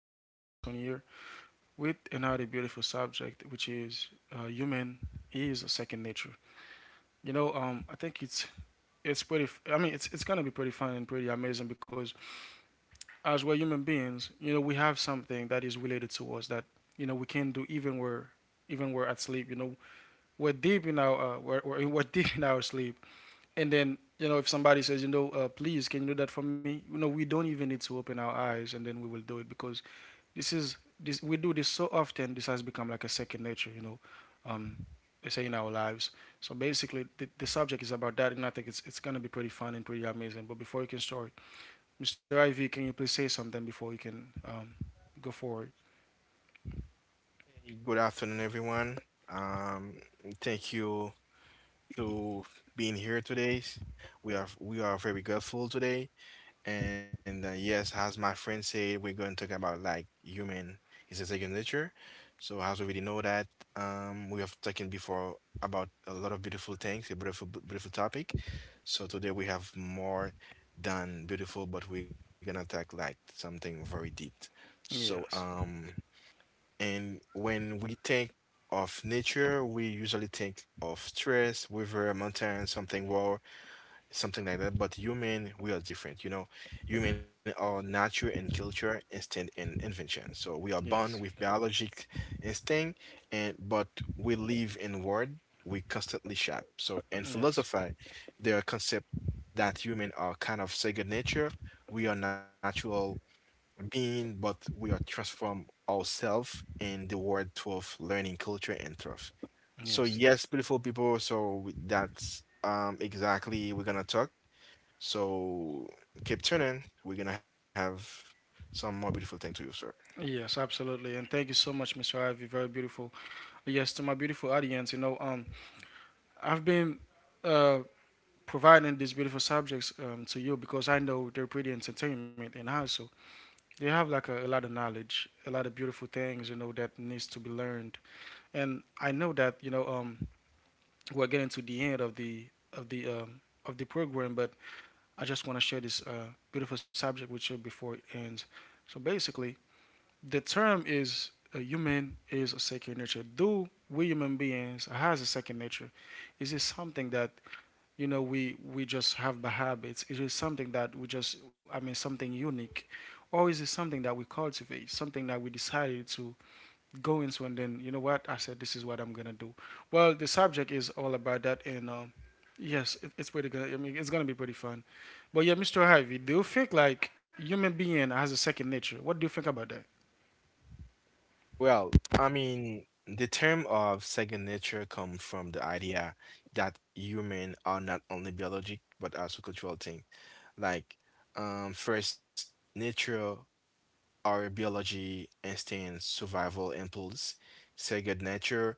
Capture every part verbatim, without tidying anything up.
know, this is Robinson here with another beautiful subject, which is uh, human is a second nature. You know, um, I think it's it's pretty. f- I mean, it's it's gonna be pretty fun and pretty amazing because as we're human beings, you know, we have something that is related to us that you know we can do even where even we're at sleep. You know, we're deep in our uh, we're, we're we're deep in our sleep, and then you know if somebody says, you know uh, please can you do that for me, you know we don't even need to open our eyes, and then we will do it because this is this we do this so often. This has become like a second nature. you know um they say in our lives. So basically, the, the subject is about that, and i think it's it's going to be pretty fun and pretty amazing, but before you can start, Mr. Ivy, can you please say something before you can um go forward? Hey, good afternoon, everyone. Um, Thank you to being here today. We are we are very grateful today, and uh, yes, as my friend said, we're going to talk about like human is a second nature. So as we already know that, um, we have talking before about a lot of beautiful things, a beautiful beautiful topic. So today we have more than beautiful, but we're gonna talk like something very deep. So Yes, um. And when we think of nature, we usually think of stress, river, mountain, something raw, something like that. But human, we are different. You know, human are nature and culture, instinct and invention. So we are born with yes, biologic instinct, and but we live in world we constantly shape. So in yes, philosophy, there are concept that human are kind of second nature. We are natural being, but we are transform ourselves in the world of learning culture and truth. So yes, yes, yes. beautiful people. So we- that's um exactly we're gonna talk. So keep tuning. We're gonna have some more beautiful thing to you, sir. Yes, absolutely. And thank you so much, mister Ivy. Very beautiful. Yes, to my beautiful audience, you know, um, I've been uh, providing these beautiful subjects um, to you because I know they're pretty entertainment, and also they have like a, a lot of knowledge, a lot of beautiful things, you know, that needs to be learned. And I know that, you know, um, we're getting to the end of the of the um, of the program, but I just want to share this uh, beautiful subject with you before it ends. So basically, the term is a human is a second nature. Do we human beings has a second nature? Is it something that you know we we just have by habits? Is it something that we just, I mean, something unique, or is it something that we cultivate? Something that we decided to go into, and then you know what, I said this is what I'm gonna do. Well, the subject is all about that. And. Um, Yes, it, it's pretty good. I mean, it's gonna be pretty fun. But yeah, mister Harvey, do you think like human being has a second nature? What do you think about that? Well, I mean, the term of second nature comes from the idea that human are not only biologic but also cultural thing. Like, um, first nature our biology, instinct, survival impulse, say good nature,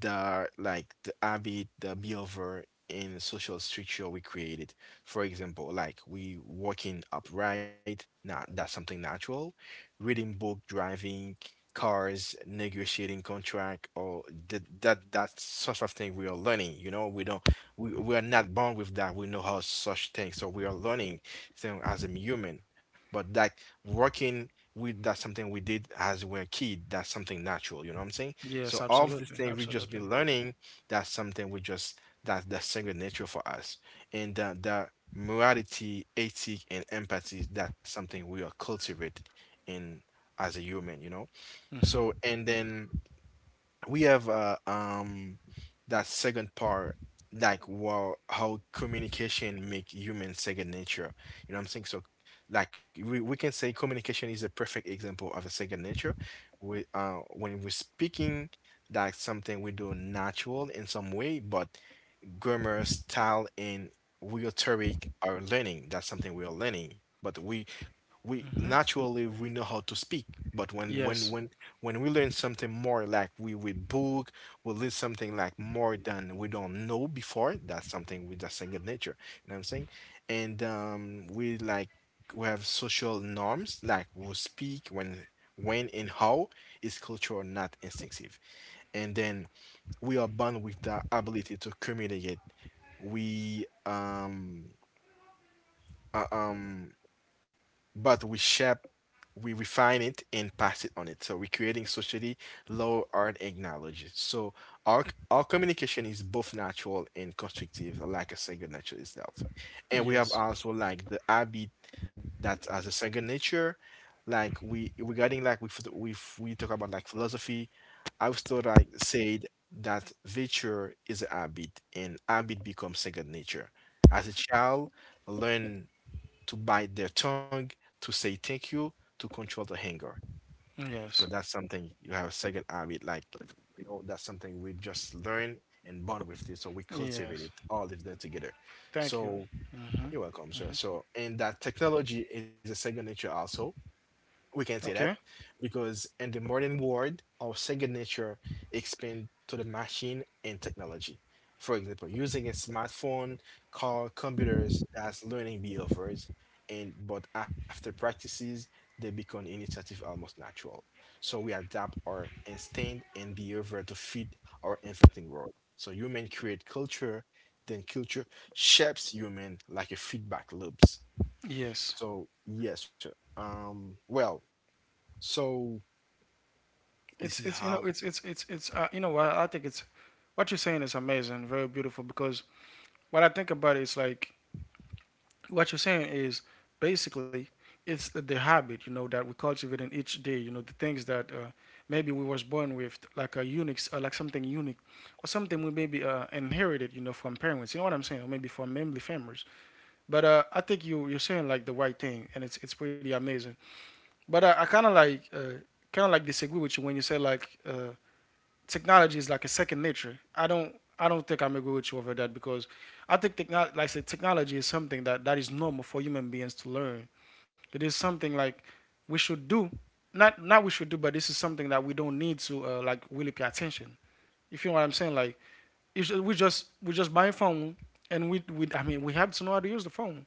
the like the habit, the behavior and social structure we created. For example, like we walking upright, not that's something natural. Reading book, driving cars, negotiating contract, or that that that sort of thing we are learning. You know, we don't we, we are not born with that. We know how such things, so we are learning them as a human. But like working with that's something we did as we were a kid. That's something natural. You know what I'm saying? Yes, So all of these absolutely, things we just be absolutely. learning, that's something we just that's the sacred nature for us. And that that morality, ethic, and empathy, that's something we are cultivate in as a human, you know? So and then we have uh, um that second part like wow, how communication make human second nature, you know what I'm saying? So like we, we can say communication is a perfect example of a second nature. We uh when we're speaking, that's something we do natural in some way, but grammar, style, and rhetoric are learning. That's something we are learning. But we we naturally we know how to speak. But when Yes, when when when we learn something more like we read book, we learn something like more than we don't know before. That's something with the second nature. You know what I'm saying? And um, we like we have social norms like we speak when when and how is cultural not instinctive, and then we are born with the ability to communicate. We um uh, um but we shape, we refine it and pass it on it. So we're creating socially low art acknowledges. So our our communication is both natural and constructive, like a second nature itself. And we have yes, also like the habit that as a second nature, like we regarding like we ph- we f- we talk about like philosophy, Aristotle like said that virtue is a habit and habit becomes second nature. As a child, learn to bite their tongue, to say thank you, to control the anger. So yes, that's something you have a second habit, like you know, that's something we just learn and bond with this. So we cultivate yes. it all of them together. Thank you. So you're welcome, sir. So and that technology is a second nature also. We can say that Okay. because in the modern world, our second nature expands to the machine and technology. For example, using a smartphone, car, computers, that's learning behaviors. And but after practices, they become initiative almost natural. So we adapt our instinct and behavior to fit our evolving world. So human create culture, then culture shapes human like a feedback loops. Yes. So yes, sir. Um, well, so this is It's it's you how. Know it's it's it's it's uh, you know what I think it's what you're saying is amazing, very beautiful because what I think about is like what you're saying is basically it's the, the habit you know that we cultivate in each day. You know the things that uh, maybe we was born with, like a unique, uh, like something unique, or something we maybe uh, inherited, you know, from parents. You know what I'm saying? Or maybe from family members. But uh, I think you you're saying like the right thing, and it's it's pretty amazing. But uh, I kind of like, uh, kind of like disagree with you when you say like uh, technology is like a second nature. I don't I don't think I'm agree with you over that because I think technology, like I said, technology is something that that is normal for human beings to learn. It is something like we should do, not, not we should do, but this is something that we don't need to uh, like really pay attention. If you know what I'm saying, like it's, we just we just buy a phone, and we we I mean we have to know how to use the phone.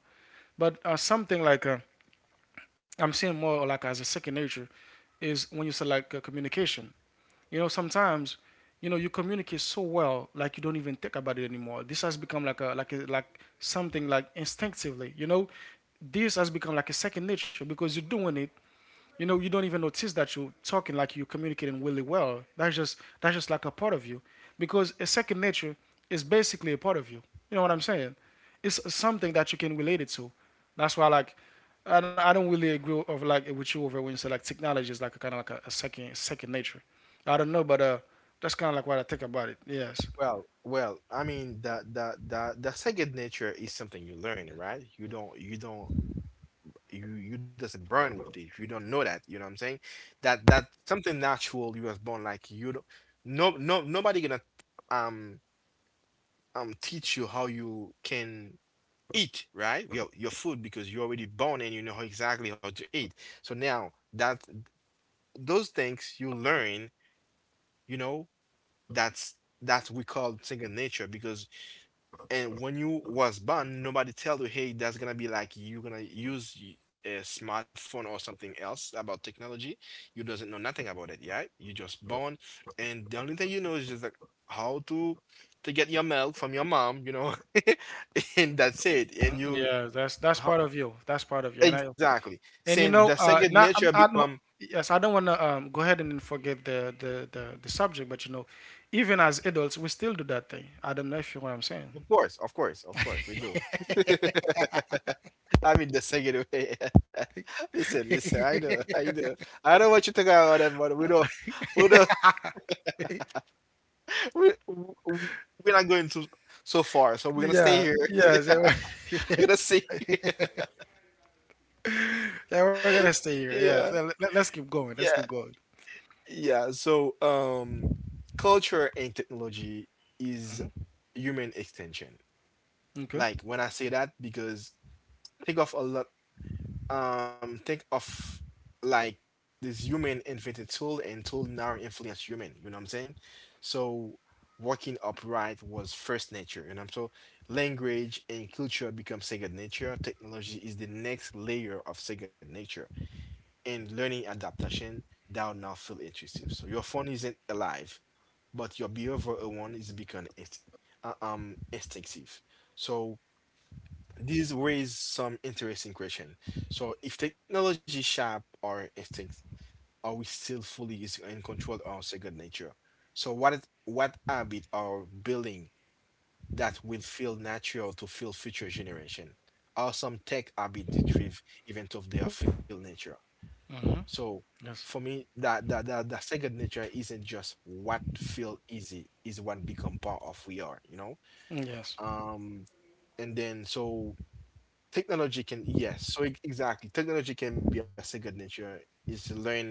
But uh, something like uh, I'm seeing more like as a second nature is when you say like uh, communication. You know, sometimes you know you communicate so well, like you don't even think about it anymore. This has become like a like a, like something like instinctively. You know, this has become like a second nature because you're doing it, you know you don't even notice that you're talking, like you're communicating really well. That's just that's just like a part of you because a second nature is basically a part of you, you know what I'm saying? It's something that you can relate it to. That's why like, and I don't really agree of like with you over when you say like technology is like a kind of like a, a second second nature. I don't know, but uh that's kind of like what I think about it. Yes. Well, well, I mean that that that that second nature is something you learn, right? You don't you don't you you doesn't burn with it. You don't know that, you know what I'm saying? That that something natural you was born like you don't no no nobody gonna um um teach you how you can eat, right? Your your food because you're already born and you know how exactly how to eat. So now that those things you learn, you know, that's that's we call second nature because. And when you was born, nobody tell you, hey, that's gonna be like you gonna use y- a smartphone or something else about technology. You doesn't know nothing about it, yeah? You just born, and the only thing you know is just like how to to get your milk from your mom, you know, and that's it. And you Yeah, that's that's how, part of you. That's part of you. And I exactly and saying you the know, second uh, not nature I'm, I become. don't. Yes, I don't want to um, go ahead and forget the, the the the subject, but you know, even as adults, we still do that thing. I don't know if you know what I'm saying. Of course, of course, of course, we do. I mean, the second way. Listen, listen. I know, I know. I know what you think about that, but we don't, we don't, we, w- we're not going to so far. So we're gonna stay Yeah, here. yes. Yeah, so- We're gonna stay here. yeah. We're gonna stay here. Yeah, Yeah, let, let, us keep going. Let's yeah, keep going. yeah. So, um, culture and technology is human extension. Okay. Like when I say that, because think of a lot. Um think of like This human invented tool and tool now influence human, you know what I'm saying? So walking upright was first nature, you know. So language and culture become second nature, technology is the next layer of second nature and learning adaptation that will now feel intuitive. So your phone isn't alive, but your behavioral one is become inst- uh, um instinctive. So this raise some interesting question. So, if technology shape our instincts, are we still fully using and control our second nature? So, what is, what habit are building that will feel natural to feel future generation? Are some tech habit retrieve event of their feel nature? Hmm. So, Yes. for me, that that that the second nature isn't just what feel easy is what become part of we are. You know, Mm, yes. um, and then so technology can yes, so e exactly, technology can be a second nature, it's learned,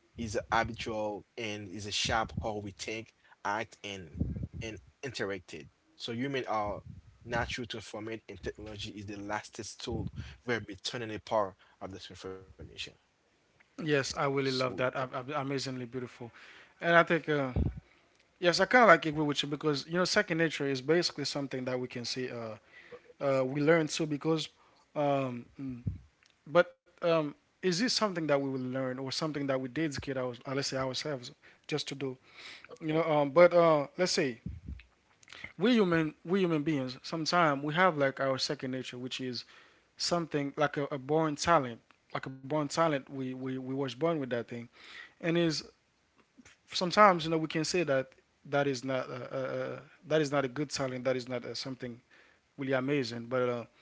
is habitual, and is a sharp how we think, act, and and interacted. So human are natural to information, and technology is the lastest tool where we turn in the power of this information. Yes, I really So love that. Ab- ab- Amazingly beautiful, and I think uh, yes, I kind of like agree with you because you know, second nature is basically something that we can see. Uh, uh, we learn too because um, mm, but um, is this something that we will learn or something that we did kid our uh, let's say ourselves just to do, you know um, but uh, let's say we human we human beings sometimes we have like our second nature, which is something like a, a born talent, like a born talent we, we we was born with that thing. And is sometimes you know we can say that that is not uh, uh, uh, that is not a good talent, that is not uh, something really amazing, but uh,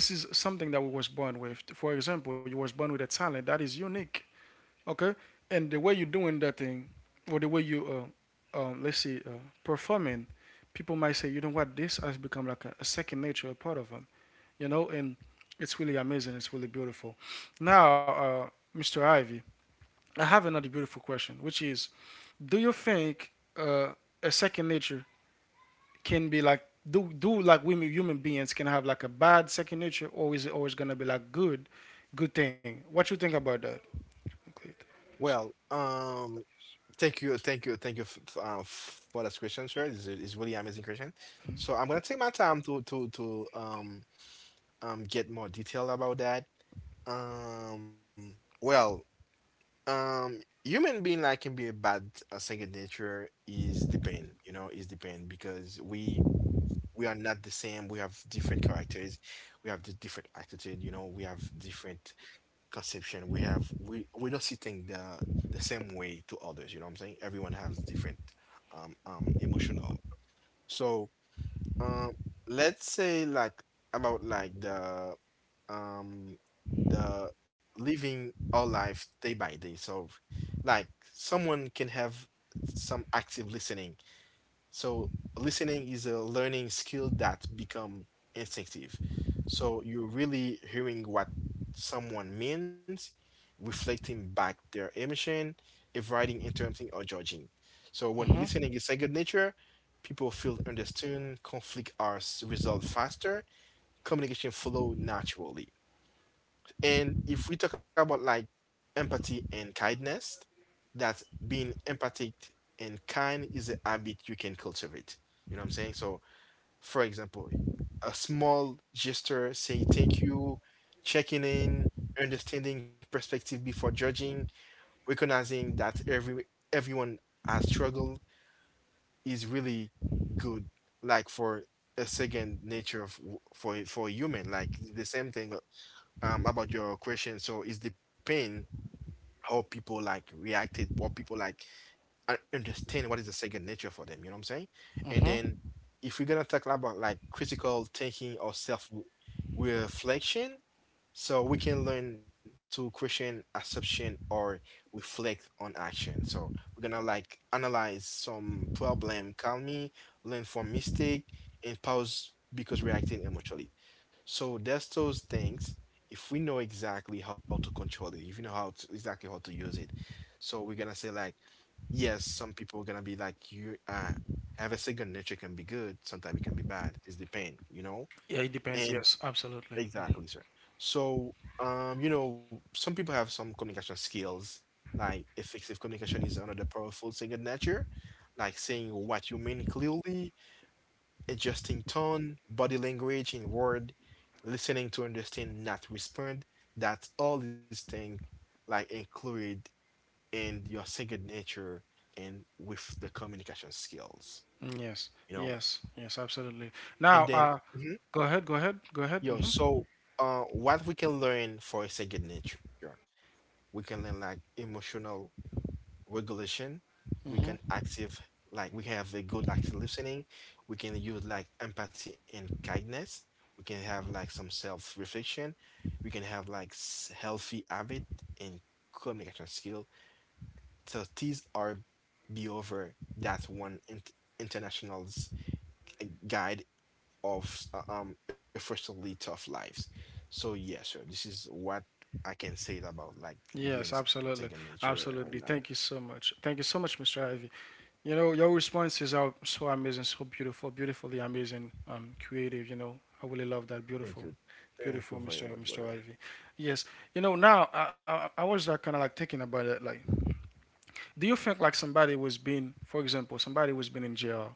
this is something that we was born with. For example, you was born with a talent that is unique, okay? And the way you're doing that thing, or the way you, uh, um, let's say, uh, performing, people might say, you know what, this has become like a, a second nature, a part of them, you know? And it's really amazing. It's really beautiful. Now, uh, mister Ivy, I have another beautiful question, which is, do you think uh, a second nature can be like, do do like women human beings can have like a bad second nature, or is it always gonna be like good good thing? What you think about that? Okay. well, um, thank you, thank you, thank you f f- uh, f- for that question, sir. It's is is really amazing question. So I'm gonna take my time to to to um um get more detail about that. Um, well, um, human being like can be a bad uh, second nature is depend, you know, is depend because we we are not the same. We have different characters, we have the different attitude, you know, we have different conception. We have we we don't see things the the same way to others. You know what I'm saying? Everyone has different um um emotional. So. Um, let's say like about like the um the living our life day by day. So like someone can have some active listening, so listening is a learning skill that become instinctive. So you're really hearing what someone means, reflecting back their emotion, avoiding interrupting or judging. So when Mm-hmm, listening is second nature, people feel understood, conflict are s- resolved faster, communication flow naturally. And if we talk about like empathy and kindness, that being empathic and kind is a habit you can cultivate. You know what I'm saying? So, for example, a small gesture saying thank you, checking in, understanding perspective before judging, recognizing that every everyone has struggled is really good. Like for a second nature of, for for a human, like the same thing um about your question. So is the pain how people like reacted, or people like I understand what is the second nature for them, you know what I'm saying? And mm-hmm. then if we're gonna talk about like critical thinking or self reflection, so we can learn to question assumption or reflect on action. So we're gonna like analyze some problem calmly, learn from mistake, and pause because reacting emotionally. So that's those things. If we know exactly how to control it, if you know how to exactly how to use it. So we're gonna say like yes, some people gonna be like you uh have a second nature can be good, sometimes it can be bad. It's the pain, you know? Yeah, it depends. And Yes, absolutely. exactly, sir. So um, you know, some people have some communication skills, like effective communication is another powerful second nature, like saying what you mean clearly, adjusting tone, body language in word, listening to understand, not respond. That all these things like include and your second nature and with the communication skills, Mm, yes, you know. yes, yes, absolutely. Now, And then, uh mhm. go ahead, go ahead, go ahead. yo, Hmm. so uh, What we can learn for a second nature, we can learn like emotional regulation. We can active like we have a good active listening. We can use like empathy and kindness. We can have like some self reflection. We can have like s- healthy habit and communication skills. So these are be over that one in international's eh, guide of uh, um effortlessly tough lives. So yeah, sure. This is what I can say about like being second Yes, nature absolutely, and whatnot. absolutely. Thank you so much, thank you so much, Mr. Ivy. You know, your responses are so so amazing, so beautiful, beautifully amazing, um, creative. You know, I really love that. Thank you. Beautiful, Thank you very beautiful, much, Mr. brother. Mr. Ivy. Yes. You know, now I I, I was like, kind of like thinking about it. Like, do you think like somebody was being, for example, somebody was been in jail.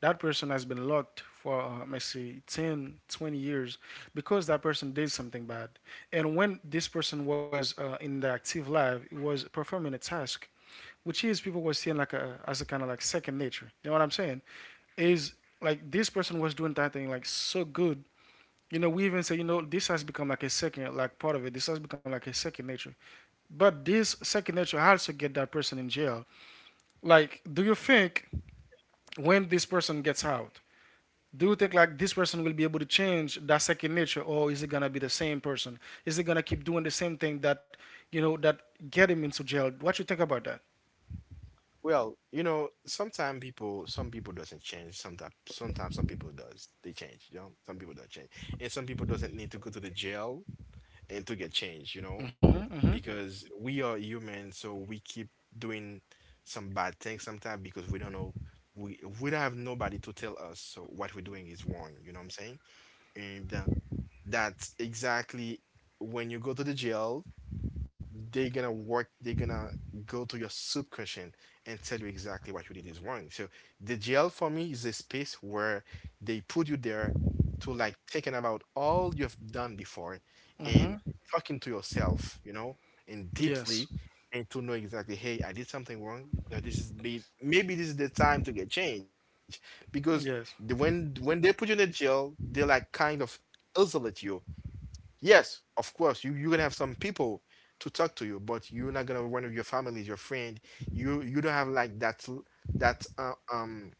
That person has been locked for, uh, let's say, ten, twenty years because that person did something bad. And when this person was uh, in the active life, it was performing a task, which is people were seeing like a as a kind of like second nature. You know what I'm saying? Is like this person was doing that thing like so good. You know, we even say, you know, this has become like a second, like part of it. This has become like a second nature. But this second nature also get that person in jail. Like, do you think when this person gets out, do you think like this person will be able to change that second nature, or is it gonna be the same person? Is it gonna keep doing the same thing that, you know, that get him into jail? What you think about that? Well, you know, sometimes people, some people doesn't change. Sometimes, sometimes some people does. They change. You know, some people don't change, and some people doesn't need to go to the jail and to get change, you know, because we are human, so we keep doing some bad things sometimes because we don't know. We we don't have nobody to tell us so what we're doing is wrong, you know what I'm saying? And uh, That's exactly when you go to the jail, they're gonna work, they're gonna go to your soup kitchen and tell you exactly what you did is wrong. So the jail for me is a space where they put you there to like thinking about all you've done before and talking to yourself, you know, and Yes. deeply, and to know exactly, hey, I did something wrong. Now this is may- maybe this is the time to get changed. Because the, Yes. when when they put you in the jail, they like kind of isolate you. Yes, of course, you you're gonna have some people to talk to you, but you're not gonna one of your families, your friend. You you don't have like that l- that uh, um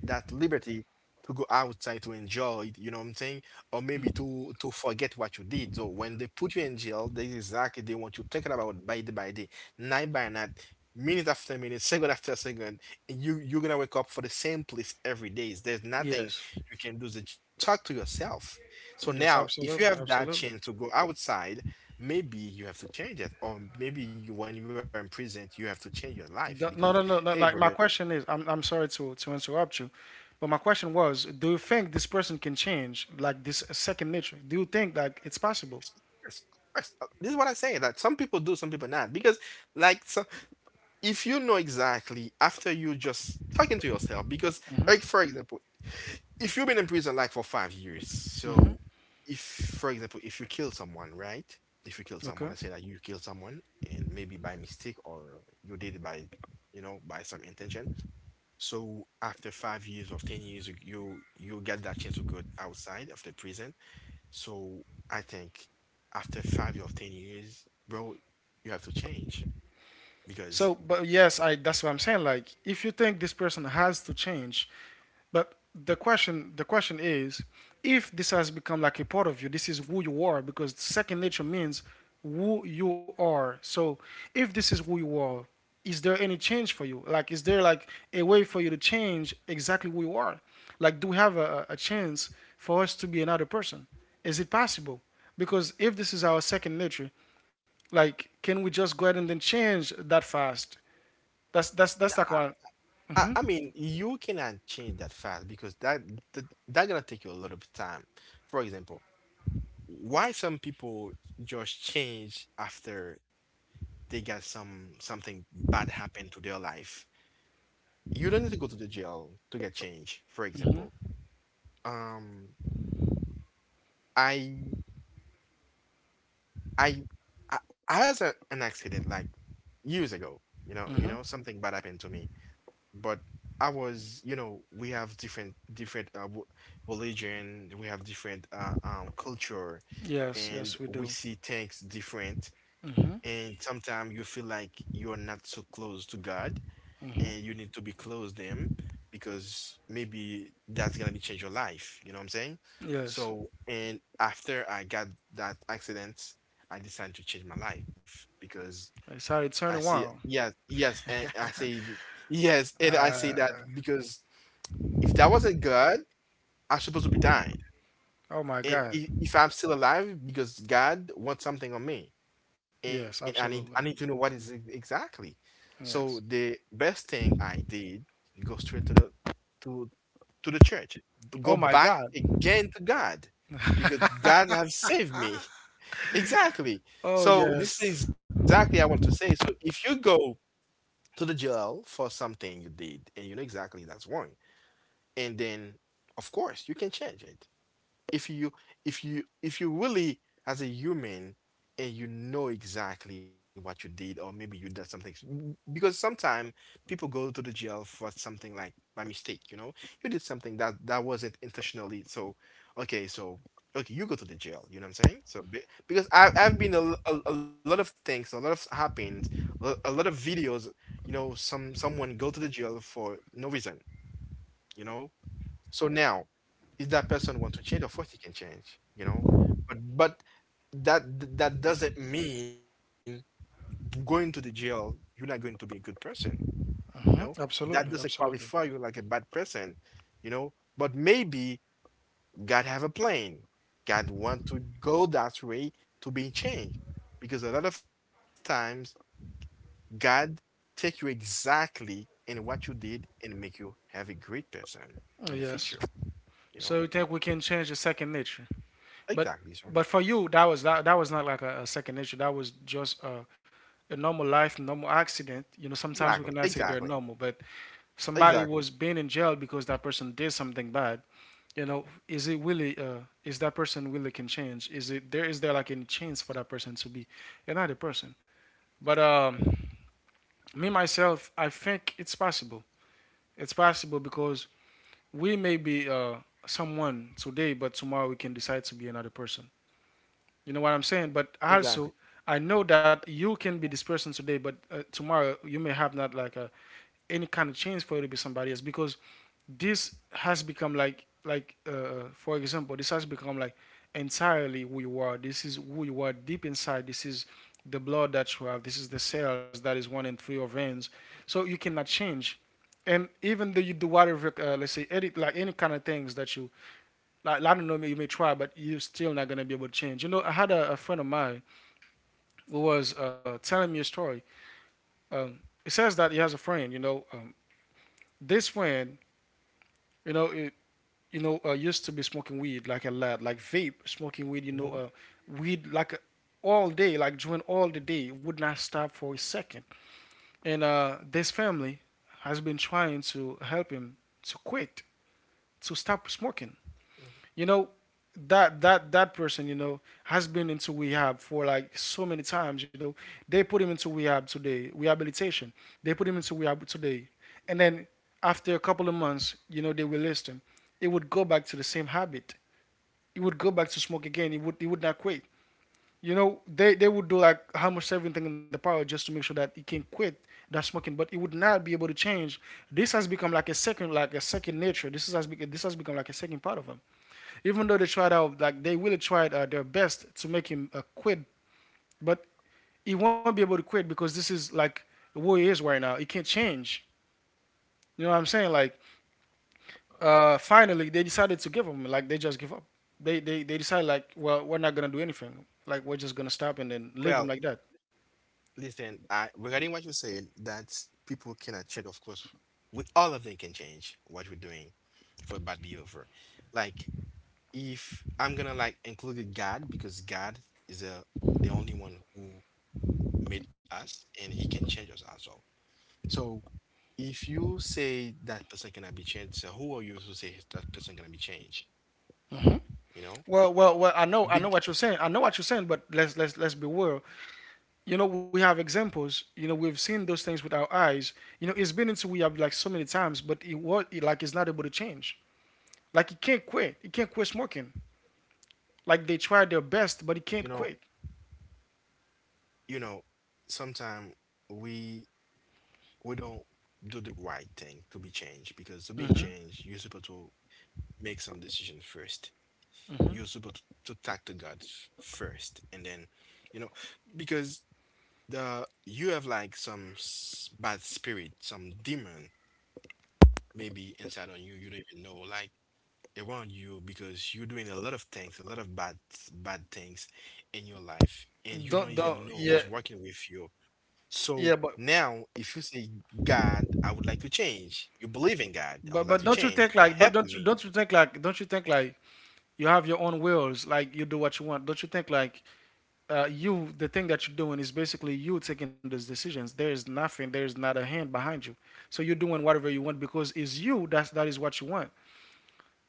that liberty to go outside to enjoy it, you know what I'm saying? Or maybe to to forget what you did. So when they put you in jail, they exactly they want you thinking about it by day by day, night by night, minute after minute, second after second. And you you're gonna wake up for the same place every day. There's nothing Yes. you can do. Just talk to yourself. So Yes, now, if you absolutely, have that absolutely. chance to go outside, maybe you have to change it. Or maybe you, when you are in prison, you have to change your life because D- No, no, hey, no, no. brother, Like, my question is, I'm I'm sorry to to interrupt you, but my question was, do you think this person can change like this second nature? Do you think like it's possible? yes. Uh, This is what I say, that some people do, some people not. Because, like, so if you know exactly after you just talking to yourself, because, like, for example, if you've been in prison like for five years, so if, for example, if you kill someone, right? If you kill Okay. someone, let's say that you kill someone and maybe by mistake or you did it by, you know, by some intention. So after five years or ten years, you you you get that chance to go outside of the prison. So I think after five or ten years, bro, you have to change. So, Because but yes, I that's what I'm saying. Like, if you think this person has to change, but the question the question is, if this has become like a part of you, this is who you are because second nature means who you are. So, if this is who you are, is there any change for you? Like, is there like a way for you to change exactly who you are? Like, do we have a, a chance for us to be another person? Is it possible? Because if this is our second nature, like, can we just go ahead and then change that fast? That's that's n- that's like one. I, I mean, you cannot change that fast because that that, that gonna take you a lot of time. For example, why some people just change after they got some something bad happen to their life. You don't need to go to the jail to get change. For example, um, I I I I has a an accident like years ago, you know, you know, something bad happened to me. But I was, you know, we have different different uh, w- religion, we have different uh, um culture, Yes, and yes, we we do. see things different. And sometimes you feel like you're not so close to God and you need to be close them because maybe that's gonna be change your life. You know what I'm saying? Yes, So, and after I got that accident, I decided to change my life because it's how it I turned see, around. yes, yes, and I say, yes, and I say that because if that wasn't God, I'm supposed to be dying. Oh my And God. if, if I'm still alive, because God wants something on me, and Yes, I need I need absolutely. to know what is it exactly. So Yes. the best thing I did, go straight to the to to the church, Oh go my back God. again to God because God have saved me. Exactly. Oh So this is yes. exactly I want to say. So if you go to the jail for something you did and you know exactly that's wrong, and then of course you can change it if you if you if you really as a human and you know exactly what you did. Or maybe you did something. Mm, because sometimes people go to the jail for something like by mistake, you know, you did something that that wasn't intentionally. So okay, so okay, you go to the jail, you know what I'm saying, so be- because I, I've been a, l- a- a lot of things a lot of happened, a, a lot of videos, you know, some someone go to the jail for no reason, you know. So now, if that person want to change, of course he can change, you know. But but that that doesn't mean going to the jail, you're not going to be a good person, you know. Mhm. That Absolutely, doesn't qualify absolutely. you like a bad person, you know. But maybe God have a plan. God want to go that way to be changed. Because a lot of times God take you exactly in what you did and make you have a great person in the Oh, future, yes. you know? So you think we can change the second nature? But Exactly, sir. but for you, that was that, that was not like a, a second nature. That was just a, a normal life, normal accident. You know, Exactly, sometimes we cannot exactly, say they're normal, but exactly, somebody was being in jail because that person did something bad. You know, is it really? Uh, is that person really can change? Is it there? Is there like any chance for that person to be another person? But um, Me myself, I think it's possible. It's possible because we may be uh, someone today, but tomorrow we can decide to be another person. You know what I'm saying? But also, exactly. I know that you can be this person today, but uh, tomorrow you may have not like a, any kind of change for you to be somebody else because this has become like like uh, for example, this has become like entirely who you are. This is who you are deep inside. This is the blood that you have. This is the cells that is running through your veins. So you cannot change. And even though you do whatever, uh, let's say, edit like any kind of things that you, like, I don't know, you may try, but you're still not gonna be able to change. You know, I had a, a friend of mine was uh, telling me a story. Um, it says that he has a friend. You know, um, this friend, you know, it, you know, uh, used to be smoking weed like a lad, like vape, smoking weed. You know, uh, Mhm, weed like a, all day, like during all the day, would not stop for a second. And uh, this family has been trying to help him to quit, to stop smoking, mhm. you know, that that that person, you know, has been into rehab for like so many times, you know, they put him into rehab today, rehabilitation, they put him into rehab today, and then after a couple of months, you know, they released him. It would go back to the same habit. He would go back to smoke again. He would, he would not quit, you know. They they would do like almost everything in the power just to make sure that he can quit that smoking, but he would not be able to change. This has become like a second, like a second nature. This has this has become like a second part of him. Even though they tried out, like they really tried uh, their best to make him uh, quit, but he won't be able to quit because this is like who he is right now. He can't change. You know what I'm saying? Like, uh, finally they decided to give him. Like they just give up. They they they decide like, well, we're not gonna do anything. Like we're just gonna stop and then leave him Well, like that. listen, I regarding what you said, that people cannot change, of course, we all of them can change what we're doing for bad behavior. Like if I'm gonna like include God because God is a, the only one who made us and he can change us as well. So if you say that person cannot be changed, so who are you to say that person gonna be changed? You know? Well, well, well. I know, I Big, know what you're saying. I know what you're saying, but let's let's let's be real. You know, we have examples. You know, we've seen those things with our eyes. You know, it's been into we have like so many times, but it was like it's not able to change. Like he can't quit. He can't quit smoking. Like they try their you know, best, but he can't quit. you know, sometimes we we don't do the right thing to be changed, because to be changed, you're Hmm. supposed to make some decision first. You're supposed to talk to God f- first, and then, you know, because the you have like some s- bad spirit, some demon maybe inside on you. You don't even know, like around you, because you're doing a lot of things, a lot of bad bad things in your life, and you don't Don't don't even know yeah. who's working with you. Yeah. So But now, if you say, God, I would like to change, you believe in God, I but would like but to don't you think change, like but help don't you me. don't you think like don't you think like you have your own wills. Like you do what you want. Don't you think like uh, you, the thing that you're doing is basically you taking those decisions. There is nothing. There is not a hand behind you. So you're doing whatever you want because it's you. That's that is what you want.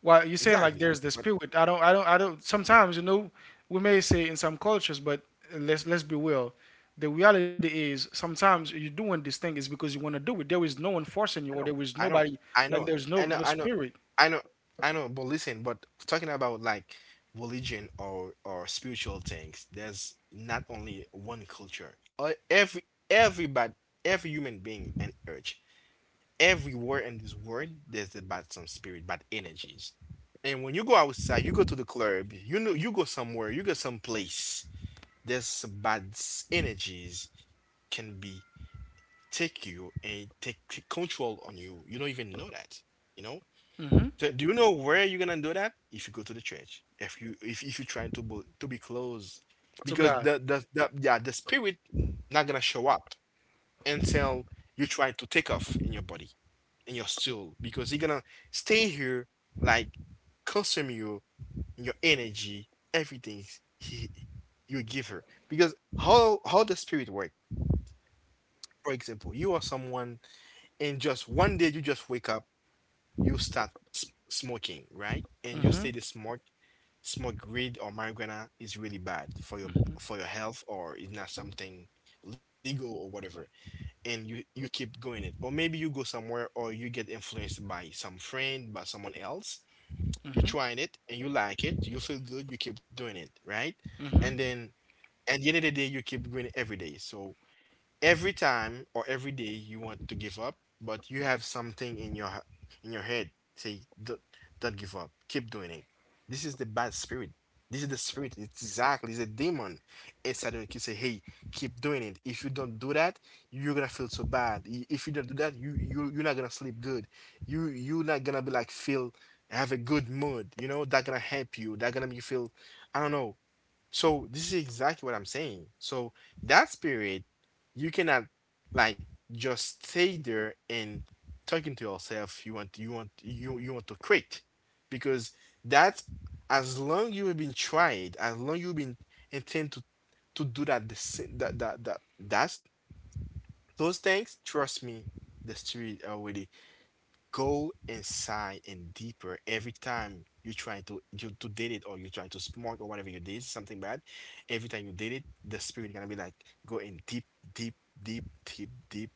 Well, you're saying like there's Exactly. the But spirit. I don't, I don't, I don't. Sometimes you know, we may say in some cultures, but let's let's be real. The reality is sometimes you're doing this thing is because you want to do it. There is no one forcing I you, or know, there is I know, nobody I like know, there's no I know, no I know, spirit. I know, I know. But listen, but talking about like religion or or spiritual things, there's not only one culture. Uh, Every everybody, every human being and urge. Everywhere in this world, there's about some spirit, bad energies. And when you go outside, you go to the club, you know, you go somewhere, you go someplace, there's some bad s- energies can be take you and take, take control on you. You don't even know that, you know? Hmm. So do you know where you're gonna do that? If you go to the church, if you if, if you're trying to bo- to be close, To because God. the, the the yeah the spirit not gonna show up until you try to take off in your body, in your soul, because you gonna stay here like consume you your energy, everything he, you give her. Because how how the spirit works. For example, you are someone, and just one day you just wake up, you start s- smoking, right? And you say Hmm. the smoke smoke weed or marijuana is really bad for your for your health, or is not something legal or whatever. And you you keep going it, or maybe you go somewhere, or you get influenced by some friend, by someone else. You tried it and you like it, you feel good, you keep doing it, right? And then at the end of the day, you keep doing it every day. So every time or every day you want to give up, but you have something in your h- in your head say don't, don't give up, keep doing it. This is the bad spirit. This is the spirit. It's exactly it's a demon inside you. You say, hey, keep doing it. If you don't do that, you're gonna feel so bad. I- If you don't do that, you you you're not gonna sleep good. You you're not gonna be like feel have a good mood. You know that gonna help you. That gonna make you feel, I don't know. So this is exactly what I'm saying. So that spirit, you cannot like just stay there and talking to yourself. You want you want you you want to quit because that, as long you have been tried, as long you've been intent to to do that, the sa- that that that that's those things. Trust me, the spirit already go inside and deeper every time you try to you to did it or you try to smart or whatever you did something bad. Every time you did it, the spirit gonna be like go in deep, deep, deep, deep, deep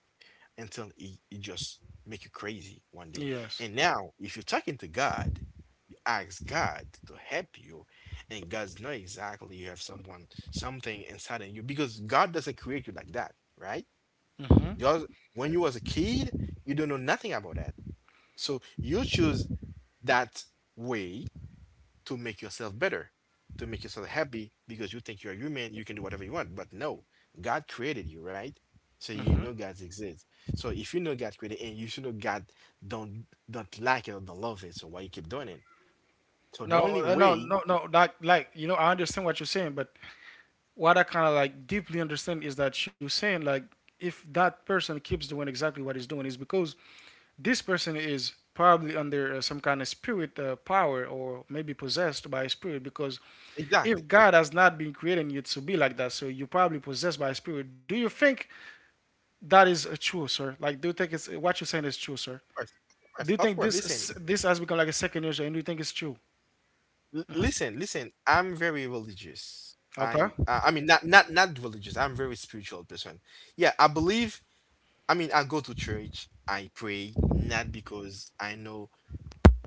until it, it just make you crazy one day. Yes. And now if you're talking to God, you ask God to help you, and God's know exactly you have someone something inside of you, because God doesn't create you like that, right? Hmm. Because when you was a kid, you don't know nothing about that, so you choose that way to make yourself better, to make yourself happy, because you think you're human, you can do whatever you want. But no, God created you, right? So you Hmm. know God exists. So if you know God created, and you should know God don't don't like it or don't love it, so why you keep doing it? So the No, only uh, no, way... no, no. Like like you know, I understand what you're saying, but what I kind of like deeply understand is that you're saying like if that person keeps doing exactly what he's doing is because this person is probably under uh, some kind of spirit uh, power or maybe possessed by a spirit because if Exactly. God has not been creating you to be like that, so you're probably possessed by a spirit. Do you think that is uh, true, sir? Like, do you think it's uh, what you're saying is true, sir? Of course, of course, Do you of think course. Listen. this this has become like a second nature, and do you think it's true? L- listen, listen. I'm very religious. Okay. I, I I mean, not not not religious. I'm very spiritual person. Yeah, I believe. I mean, I go to church, I pray, not because I know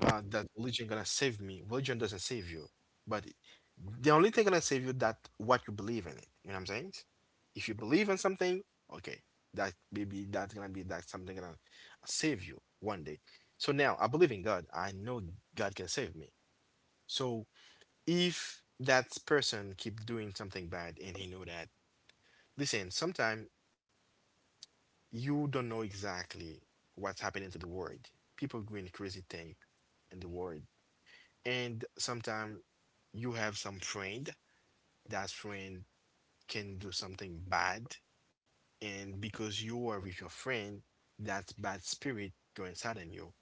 uh, that religion gonna save me. Religion doesn't save you, but it- the only thing gonna save you that what you believe in it. You know what I'm saying? If you believe in something, okay, that maybe that's gonna be that something gonna save you one day. So now I believe in God. I know God can save me. So if that person keep doing something bad and he know that, listen, sometimes you don't know exactly what's happening to the world. People doing crazy thing in the world. And sometimes you have some friend, that friend can do something bad. And because you were with your friend, that bad spirit go inside in you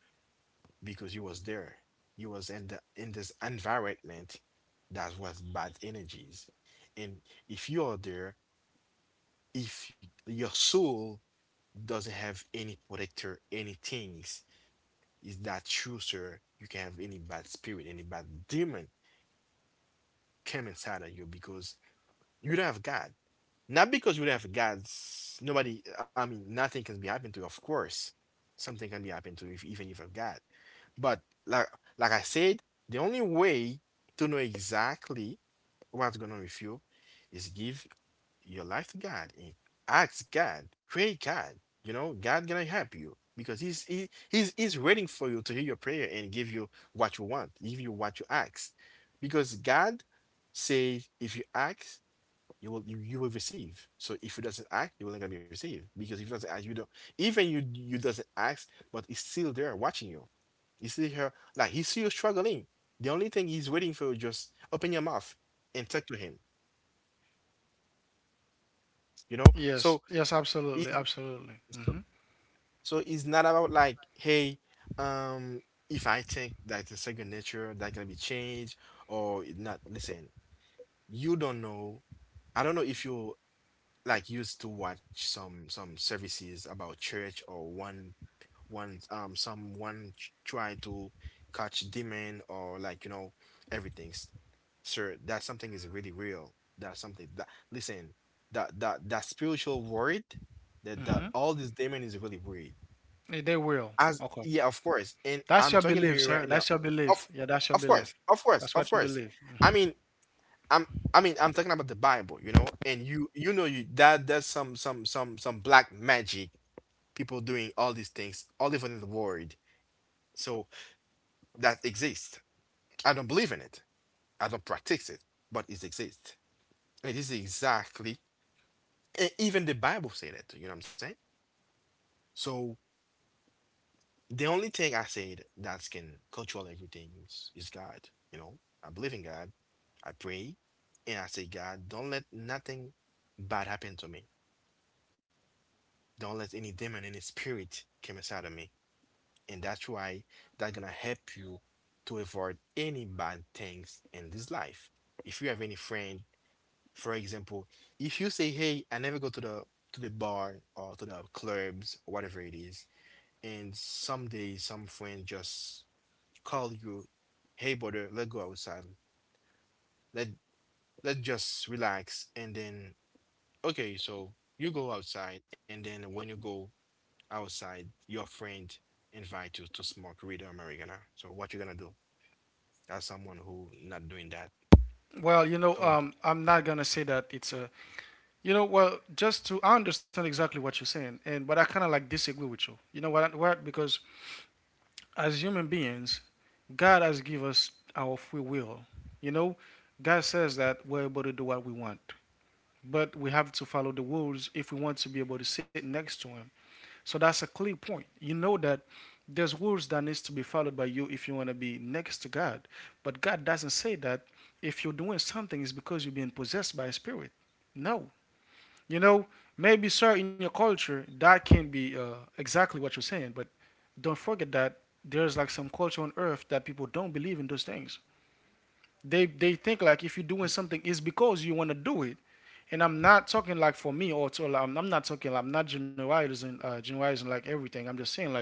because you was there. You was in the in this environment that was bad energies. And if you are there, if your soul doesn't have any protector, any things. Is that true, sir? You can have any bad spirit, any bad demon come inside of you because you don't have God. Not because you don't have God, s- nobody, I mean, nothing can be happened to you, of course. Something can be happened to you, if, even if you have God. But like, like I said, the only way to know exactly what's going on with you is give your life to God, and ask God, pray God. You know, God gonna help you because He's he, He's He's waiting for you to hear your prayer and give you what you want, give you what you ask, because God says if you ask, you will you, you will receive. So if you doesn't ask, you will not gonna be received because if you doesn't ask, you don't. Even you you doesn't ask, but it's still there watching you. You see her like he see you struggling. The only thing he's waiting for, you just open your mouth and talk to him. You know? So Yes, yes, absolutely, he's absolutely. so Hmm. So it's not about like, hey, um, if I think that the second nature that gonna be changed or it not. Listen, you don't know. I don't know if you like used to watch some some services about church, or one one um someone ch- trying to catch demon, or like you know, everything. S- Sir, that something is really real. That's something that, listen, that that that spiritual world, that that all this demon is really real. They will. As Okay, yeah, of course. And that's I'm your talking to belief, you sir. right now. That's your Of belief. Yeah, that's your of course, belief. of course, That's of what you course. believe. I mean, I'm I mean, I'm talking about the Bible, you know, and you you know you that that's some some some some black magic people doing all these things all over the world. So that exists. I don't believe in it. I don't practice it, but it exists. It is, exactly, and even the Bible said it, you know what I'm saying? So the only thing I said that can control everything is, is God. You know, I believe in God. I pray and I say, God, don't let nothing bad happen to me. Don't let any demon, any spirit come inside of me. And that's why that's gonna help you to avoid any bad things in this life. If you have any friend, for example, if you say, hey, I never go to the to the bar or to the clubs, whatever it is, and someday some friend just call you, hey brother, let's go outside. Let let's just relax, and then, okay, so you go outside, and then when you go outside, your friend invite you to smoke read Americana. So what you gonna do? That's someone who not doing that. well you So know um I'm not gonna say that it's a... You know, well, just to, I understand exactly what you're saying, and but I kind of like disagree with you. You know what? What? Because as human beings, God has given us our free will. You know, God says that we're able to do what we want, but we have to follow the rules if we want to be able to sit next to Him. So that's a clear point. You know that there's rules that needs to be followed by you if you want to be next to God, but God doesn't say that if you're doing something it's because you're being possessed by a spirit. No, you know, maybe, sir, in your culture, that can be uh, exactly what you're saying, but don't forget that there's like some culture on earth that people don't believe in those things. They, they think like if you're doing something, it's because you want to do it. And I'm not talking like for me or to, like, I'm, I'm not talking, like, I'm not generalizing, uh, generalizing like everything. I'm just saying like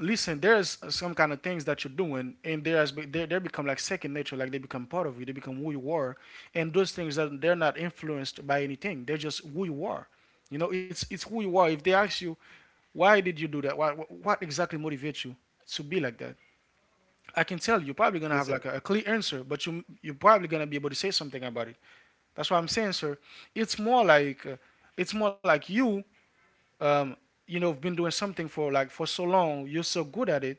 listen, there's some kind of things that you're doing, and there's they they become like second nature, like they become part of you, they become who you are, and those things that they're not influenced by anything, they're just who you are. You know, it's it's who you are. If they ask you why did you do that, why what exactly motivates you to be like that, I can tell you, you're probably listen. gonna have like a, a clear answer, but you, you're probably gonna be able to say something about it. That's why I'm saying, sir, it's more like uh, it's more like you, um, you know, been doing something for like for so long, you're so good at it,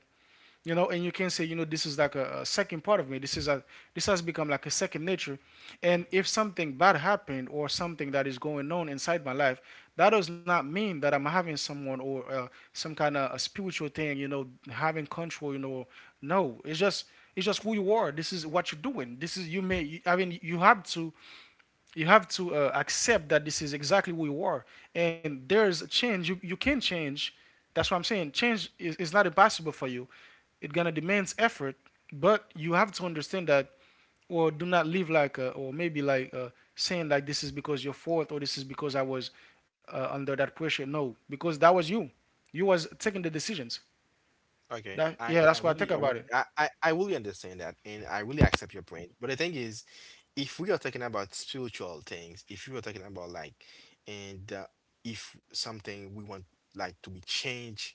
you know. And you can say, you know, this is like a, a second part of me. This is a, this has become like a second nature. And if something bad happened or something that is going on inside my life, that does not mean that I'm having someone or uh, some kind of a spiritual thing, you know, having control, you know. No, it's just, it's just who you are. This is what you're doing. This is you. May, I mean, you have to, you have to uh, accept that this is exactly who you are. And there's a change. you, you can change. That's what I'm saying. Change is, is not impossible for you. It gonna demands effort, but you have to understand that, or do not live like uh, or maybe like uh, saying like this is because your fault or this is because I was uh, under that pressure. No, because that was you. You was taking the decisions. Okay, That, I yeah, I that's what I think really uh, about it. I I I really understand that, and I really accept your point. But the thing is, if we are talking about spiritual things, if we are talking about like, and uh, if something we want like to be changed,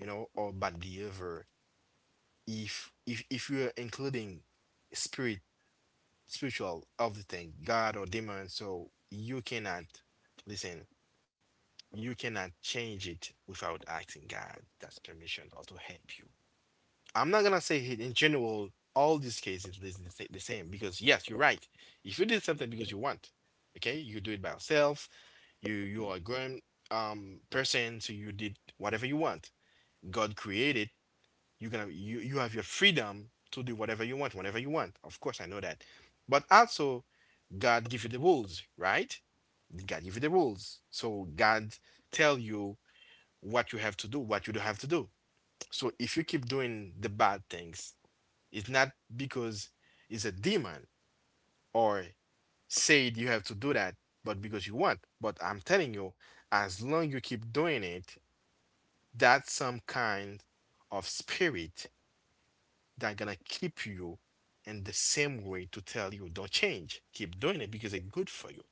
you know, or bad behavior, if if if we are including spirit, spiritual of the thing, God or demon, so you cannot. Listen. You cannot change it without asking God that's permission or to help you. I'm not gonna say in in general all these cases is the sa- the same, because yes, you're right. If you did something because you want, okay, you do it by yourself. You you are a grown um person, so you did whatever you want. God created you gonna, you you have your freedom to do whatever you want whenever you want. Of course, I know that, but also God give you the rules, right? God give you the rules, so God tell you what you have to do, what you don't have to do. So if you keep doing the bad things, it's not because it's a demand or said you have to do that, but because you want. But I'm telling you, as long you keep doing it, that's some kind of spirit that gonna keep you in the same way to tell you don't change. Keep doing it because it's good for you.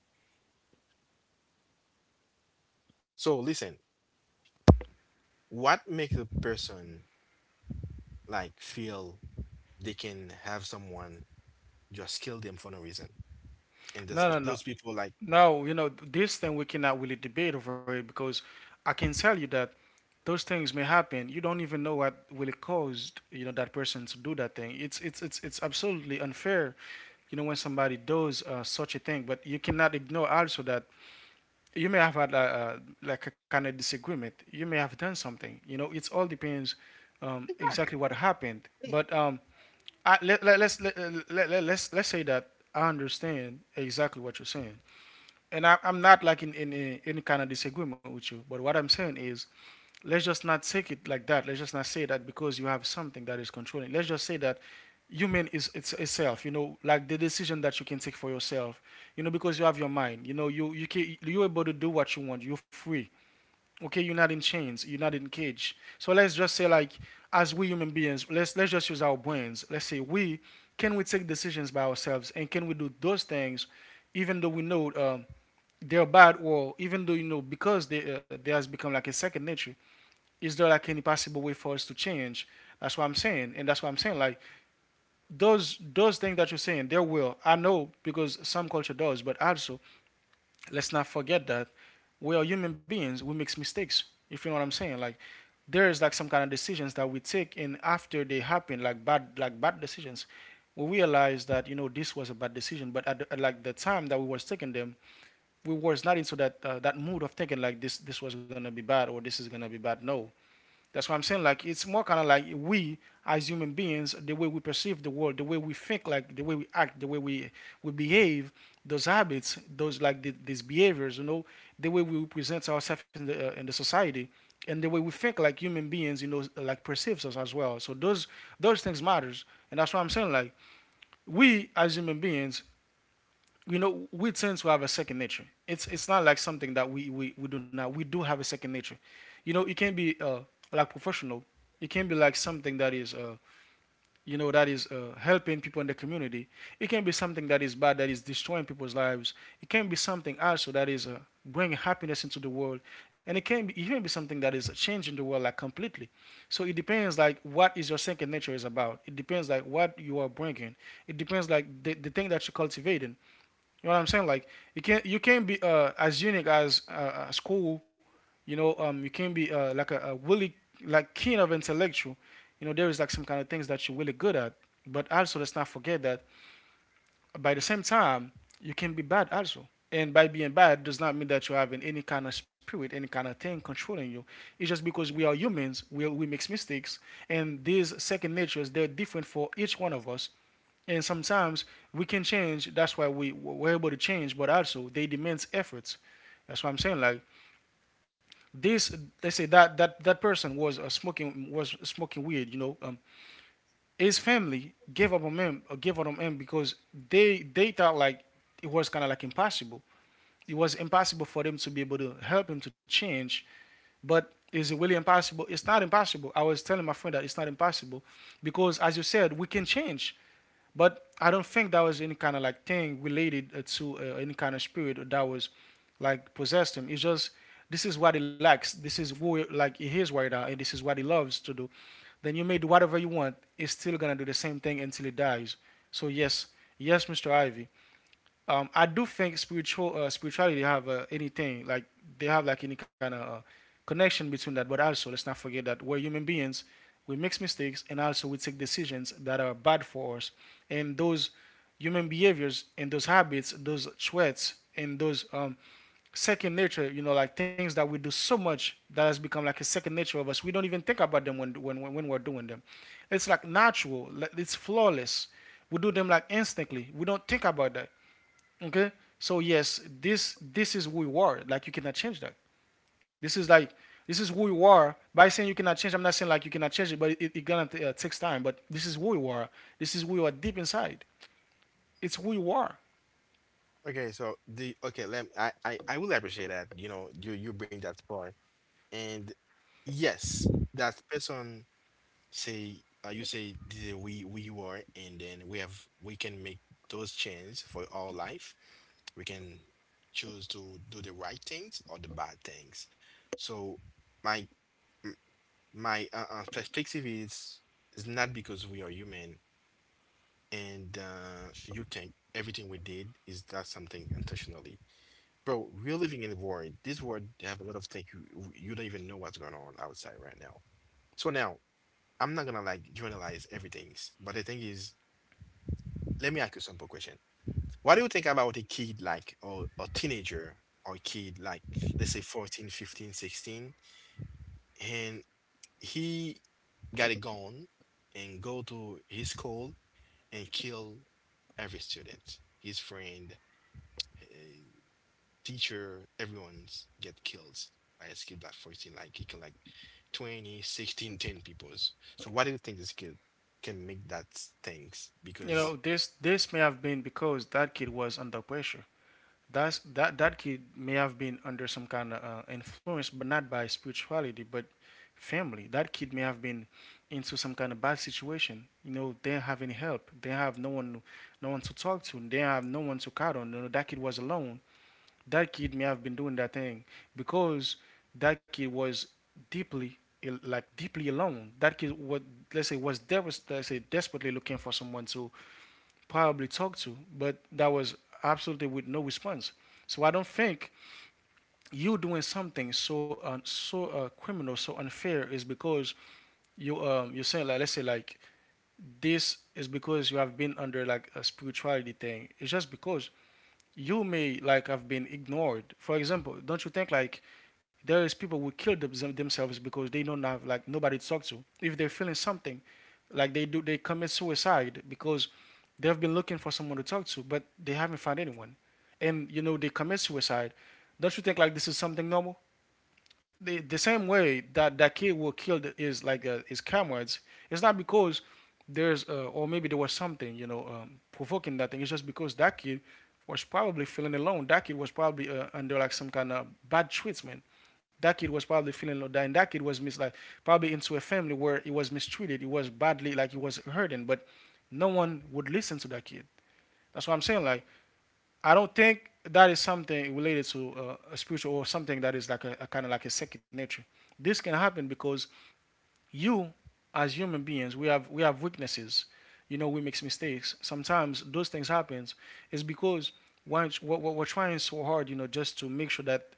So listen, what makes a person like feel they can have someone just kill them for no reason? And this, No, no, no. those people like... No, you know, this thing we cannot really debate over it because I can tell you that those things may happen. You don't even know what really caused, you know, that person to do that thing. It's it's it's it's absolutely unfair you know when somebody does uh, such a thing, but you cannot ignore also that you may have had a, uh, like a kind of disagreement. You may have done something, you know, it all depends um, exactly Exactly. what happened. But um, I, let, let, let's let, let, let, let's let's say that I understand exactly what you're saying, and I, I'm not like in in, in any kind of disagreement with you, but what I'm saying is let's just not take it like that. Let's just not say that because you have something that is controlling. Let's just say that human is, it's a, you know like the decision that you can take for yourself. You know, because you have your mind, you know, you you can, you're able to do what you want, you're free. Okay, you're not in chains, you're not in cage. So let's just say, like, as we human beings, let's let's just use our brains. Let's say, we, can we take decisions by ourselves, and can we do those things even though we know um, they're bad? Or even though, you know, because they uh, they has become like a second nature, is there like any possible way for us to change? That's what I'm saying, and that's what I'm saying, like, those those things that you're saying, there will. I know because some culture does, but also let's not forget that we are human beings. We make mistakes. If you know what I'm saying, like, there is like some kind of decisions that we take, and after they happen, like bad, like bad decisions, we realize that, you know, this was a bad decision. But at the, at like the time that we was taking them, we was not into that uh, that mood of thinking like this this was gonna be bad or this is gonna be bad. No, that's what I'm saying. Like it's more kind of like we, as human beings, the way we perceive the world, the way we think, like the way we act, the way we we behave, those habits, those like the, these behaviors, you know, the way we present ourselves in the uh, in the society, and the way we think, like human beings, you know, like perceives us as well. So those those things matters. And that's what I'm saying, like, we as human beings, you know, we tend to have a second nature. It's it's not like something that we we, we do not, we do have a second nature. You know, it can be uh like professional. It can be like something that is uh you know, that is uh, helping people in the community. It can be something that is bad, that is destroying people's lives. It can be something also that is uh, bringing happiness into the world. And it can be even be something that is changing the world, like, completely. So it depends like what is your second nature is about. It depends like what you are bringing. It depends like the, the thing that you're cultivating. You know what I'm saying? Like, you can't you can't be uh, as unique as uh, as cool. You know, um, you can't be uh, like a, a really like keen of intellectual. You know, there is like some kind of things that you're really good at, but also let's not forget that, by the same time, you can be bad also. And by being bad does not mean that you're having any kind of spirit, any kind of thing controlling you. It's just because we are humans. We, we make mistakes, and these second natures, they're different for each one of us. And sometimes we can change. That's why we we're able to change. But also, they demands efforts. That's what I'm saying. Like, this, they say that that that person was uh, smoking, was smoking weed. You know, um, his family gave up on him, uh, gave up on him because they they thought like it was kind of like impossible. It was impossible for them to be able to help him to change. But is it really impossible? It's not impossible. I was telling my friend that it's not impossible because, as you said, we can change. But I don't think that was any kind of like thing related uh, to uh, any kind of spirit that was like possessed him. It's just, this is what he likes. This is who, like, he is right now, and this is what he loves to do. Then you may do whatever you want. It's still gonna do the same thing until he dies. So yes, yes, mister Ivy, um, I do think spiritual uh, spirituality have uh, anything like, they have like any kind of uh, connection between that. But also, let's not forget that we're human beings. We make mistakes, and also we take decisions that are bad for us. And those human behaviors and those habits, those traits, and those um, second nature, you know, like things that we do so much that has become like a second nature of us. We don't even think about them when when when, we're doing them. It's like natural. Like, it's flawless. We do them like instantly. We don't think about that. Okay? So yes, this this is who you are. Like you cannot change that. This is like, this is who you are. By saying you cannot change, I'm not saying like you cannot change it, but it, it, gonna uh, takes time. But this is who you are. This is who you are deep inside. It's who you are. Okay, so, the okay, let I, I I will appreciate that. You know, you you bring that point, and yes, that person say, uh, you say this is we we you are, and then we have we can make those changes for our life. We can choose to do the right things or the bad things. So my m- my uh, uh, perspective is is not because we are human, and uh, you think everything we did is that something intentionally. Bro, we're living in the world. This world have a lot of things you you don't even know what's going on outside right now. So now, I'm not gonna like generalize everything, but the thing is, let me ask you a simple question. What do you think about a kid like, or a teenager, or a kid like, let's say fourteen, fifteen, sixteen, and he got a gun and go to his school and kill every student, his friend, uh, teacher, everyone's get killed by a skill like fourteen. Like he killed like twenty, sixteen, ten peoples. So why do you think this kid can make that things? You Because... know, this this may have been because that kid was under pressure. That's that that kid may have been under some kind of uh, influence, but not by spirituality, but family. That kid may have been into some kind of bad situation. You know, they don't have any help. They have no one, no one to talk to. They have no one to count on. You know, that kid was alone. That kid may have been doing that thing because that kid was deeply, ill- like, deeply alone. That kid was, let's say, was devas- let's say, desperately looking for someone to probably talked to, but that was absolutely with no response. So I don't think you doing something so uh, so uh, criminal, so unfair is because you, um you're saying, like, let's say like this is because you have been under like a spirituality thing. It's just because you may like have been ignored. For example, don't you think like there is people who kill them, themselves because they don't have like nobody to talk to. If they're feeling something, like they do, they commit suicide because they've been looking for someone to talk to, but they haven't found anyone, and, you know, they commit suicide. Don't you think like this is something normal? the, the same way that that kid will kill the, his, like, uh, his comrades, it's not because there's uh, or maybe there was something, you know, um, provoking that thing. It's just because that kid was probably feeling alone. That kid was probably uh, under like some kind of bad treatment. That kid was probably feeling low down. That kid was mis- like probably into a family where he was mistreated. He was badly, like, he was hurting, but no one would listen to that kid. That's what I'm saying. Like, I don't think that is something related to uh, a spiritual or something that is like a, a kind of like a second nature. This can happen because you, as human beings, we have we have weaknesses. You know, we make mistakes, sometimes those things happen. Is because we're, we're, trying so hard, you know, just to make sure that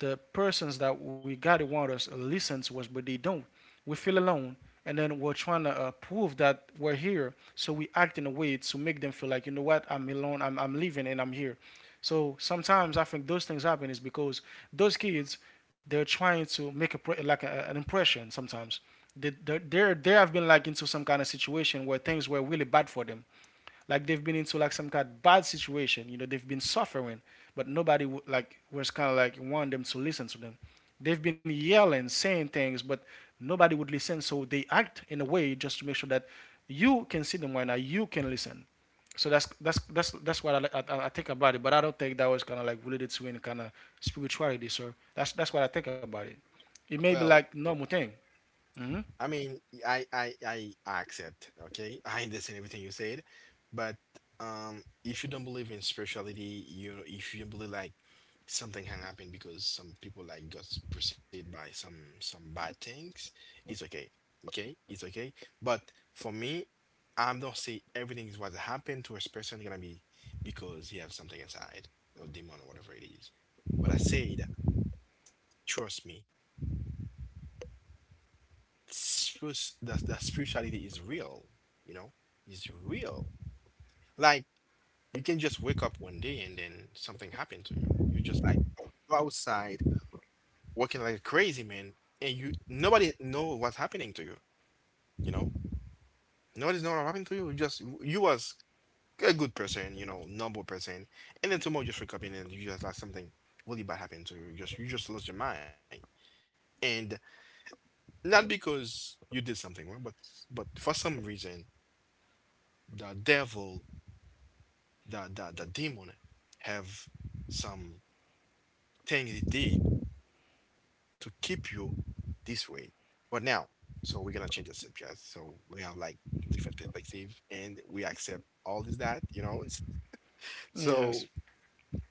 the persons that we got to want us, listen to us, but they don't, we feel alone. And then we're trying to uh, prove that we're here, so we act in a way to make them feel like, you know what, I'm alone, i'm, I'm leaving and I'm here. So sometimes I think those things happen is because those kids, they're trying to make a, like a, an impression. Sometimes they, they they have been like into some kind of situation where things were really bad for them. Like they've been into like some kind of bad situation. You know, they've been suffering, but nobody w- like was kind of like want them to listen to them. They've been yelling, saying things, but nobody would listen. So they act in a way just to make sure that you can see them right now. You can listen. So that's that's that's that's what I, like- I, I think about it. But I don't think that was kind of like related to any kind of spirituality. So that's that's what I think about it. It may Well, be like normal thing. Hmm. I mean, I I I accept, okay? I understand everything you said, but um if you don't believe in spirituality, you if you don't believe like something can happen because some people like got pursued by some some bad things, it's okay. Okay? It's okay. But for me, I'm not saying everything is what happened to a person gonna be because he have something inside, or demon, or whatever it is. But I said, trust me, spirits- that that spirituality is real, you know, is real. Like you can just wake up one day and then something happened to you. You just like, o- outside working like a crazy man, and you nobody know what's happening to you. You know, nobody's know what happened to you. You just, you was a good person, you know, normal person, and then tomorrow you just wake up and then you just like something really bad happened to you. You just you just lost your mind, and not because you did something wrong, but but for some reason, the devil, the, the, the demon have some thing he did to keep you this way. But now, so we're gonna change the subject. So we have like different perspective and we accept all this that, you know. It's, Yes. so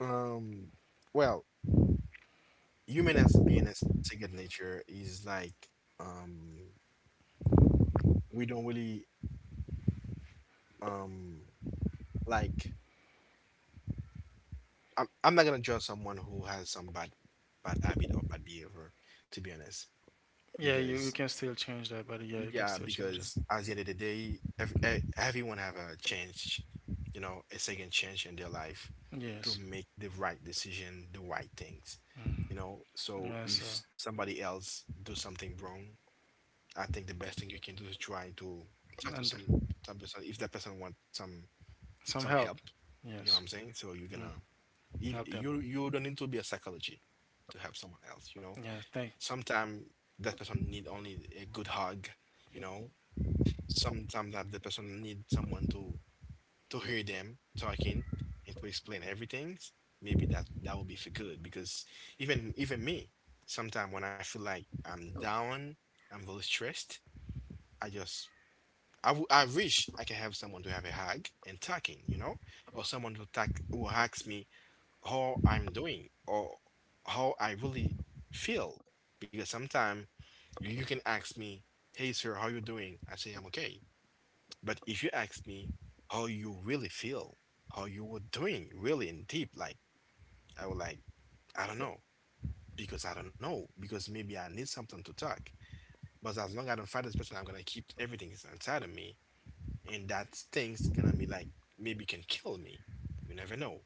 um well, human as being a second nature is like um we don't really um like I'm I'm not gonna judge someone who has some bad bad habit or bad behavior, to be honest. Yeah, you, you Because can still change that, buddy. Yeah, you can yeah, still change because at the end of the day, ev e- everyone have a chance, you know, a second chance in their life that. Yes. to make the right decision, the right things, you know. So Yes. if Uh, somebody else do something wrong, I think the best thing you can do is try to talk to and some some person. If that person want some some some help. help, you Yes. know what I'm saying? So you're Mm, gonna if help them. you you don't need to be a psychology to help someone else, you know. Yeah. Thank. Sometimes that person need only a good hug, you know. Sometimes that the person need someone to to hear them talking and to explain everything. Maybe that that will be for good because even even me, sometimes when I feel like I'm down, I'm very stressed, I just I, w- I wish I can have someone to have a hug and talking, you know, or someone to talk who asks me how I'm doing or how I really feel. Because sometimes you you can ask me, "Hey sir, how you doing?" I say I'm okay, but if you ask me how you really feel, how you were doing really in deep, like I would like, I don't know, because I don't know, because maybe I need something to talk. But as long as I don't find this person, I'm gonna keep everything is inside of me, and that thing's gonna be like maybe can kill me. You never know,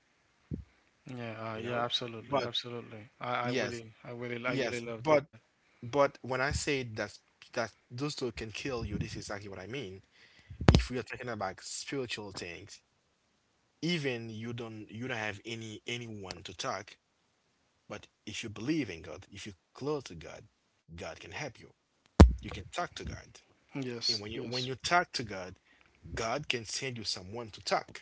Yeah. Uh, you yeah. know? Absolutely. But Absolutely. I, I yes, really I really I yes, really love that. but but when I say that that those two can kill you, this is exactly what I mean. If we are talking about spiritual things, even you don't you don't have any anyone to talk. But if you believe in god, if you're close to god, god can help you. You can talk to god, and Yes. when you when you Yes. talk to god, god can send you someone to talk.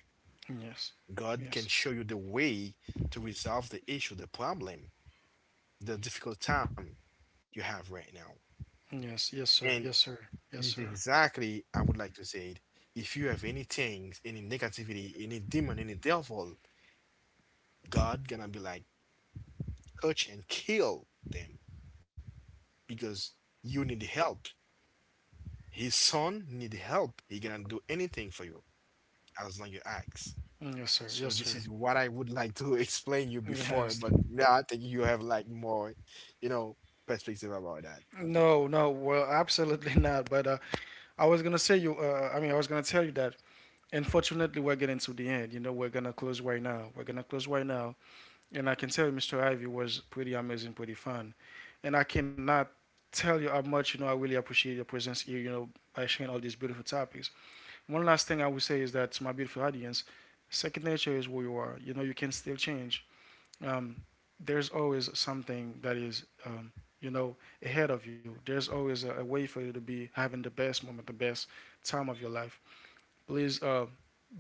Yes. God can Yes. show you the way to resolve the issue, the problem, the difficult time you have right now. Yes. Yes, sir. And Yes, sir. it Yes, is sir. exactly I would like to say it, if you have any things, any negativity, any demon, any devil, god gonna be like touch and kill them, because you need help. His son need help. He cannot do anything for you as long you ask. Yes, So sir. Yes, this is sir. what I would like to explain you before, but Yes. now I think you have like more, you know, perspective about that. No, no. Well, absolutely not. But uh, I was gonna say you. Uh, I mean, I was gonna tell you that unfortunately we're getting to the end. You know, we're gonna close right now we're gonna close right now and I can tell you, Mr. Ivy, was pretty amazing, pretty fun. And I cannot tell you how much, you know, I really appreciate your presence here, you know, by sharing all these beautiful topics. One last thing I would say is that, to my beautiful audience, second nature is who you are. You know, you can still change. um, there's always something that is, um, you know, ahead of you. There's always a, a way for you to be having the best moment, the best time of your life. Please, uh,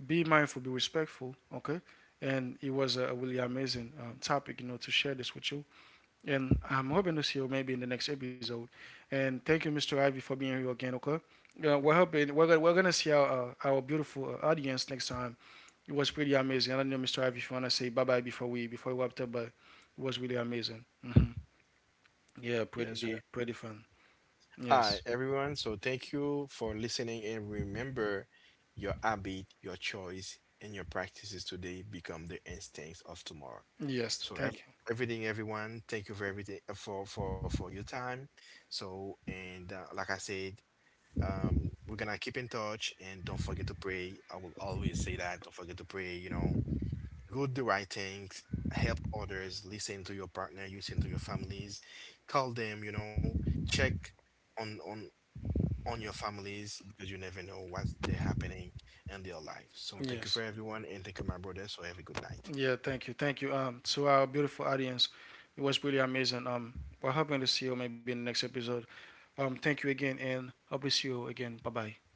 be mindful, be respectful, okay? And it was a really amazing um, topic, you know, to share this with you. And I'm hoping to see you maybe in the next episode. And thank you, mister Ivy, for being here again, okay? Uh, we're hoping we're gonna, we're gonna see our uh, our beautiful uh, audience next time. It was pretty amazing. I don't know, mister Ivy, if you wanna say bye bye before we before we wrap up, but it was really amazing. Hmm. Yeah, Yes, pretty pretty fun. Yes, hi, everyone. So thank you for listening and remember your habit, your choice, and your practices today become the instincts of tomorrow. yes, So ev thank everything, everyone, thank you for everything uh, for for for your time. So and uh, like I said, um, we're gonna keep in touch and don't forget to pray. I will always say that. Don't forget to pray, you know, do the right things. Help others, listen to your partner, listen to your families, call them, you know, check on on on your families because you never know what's they're happening in their life. So you. thank you for Yes. everyone and thank you, my brother. So have a good night. Yeah, thank you, thank you. Um, to our beautiful audience, it was really amazing. Um, we're hoping to see you maybe in the next episode. Um, thank you again, and hope to see you again. Bye bye.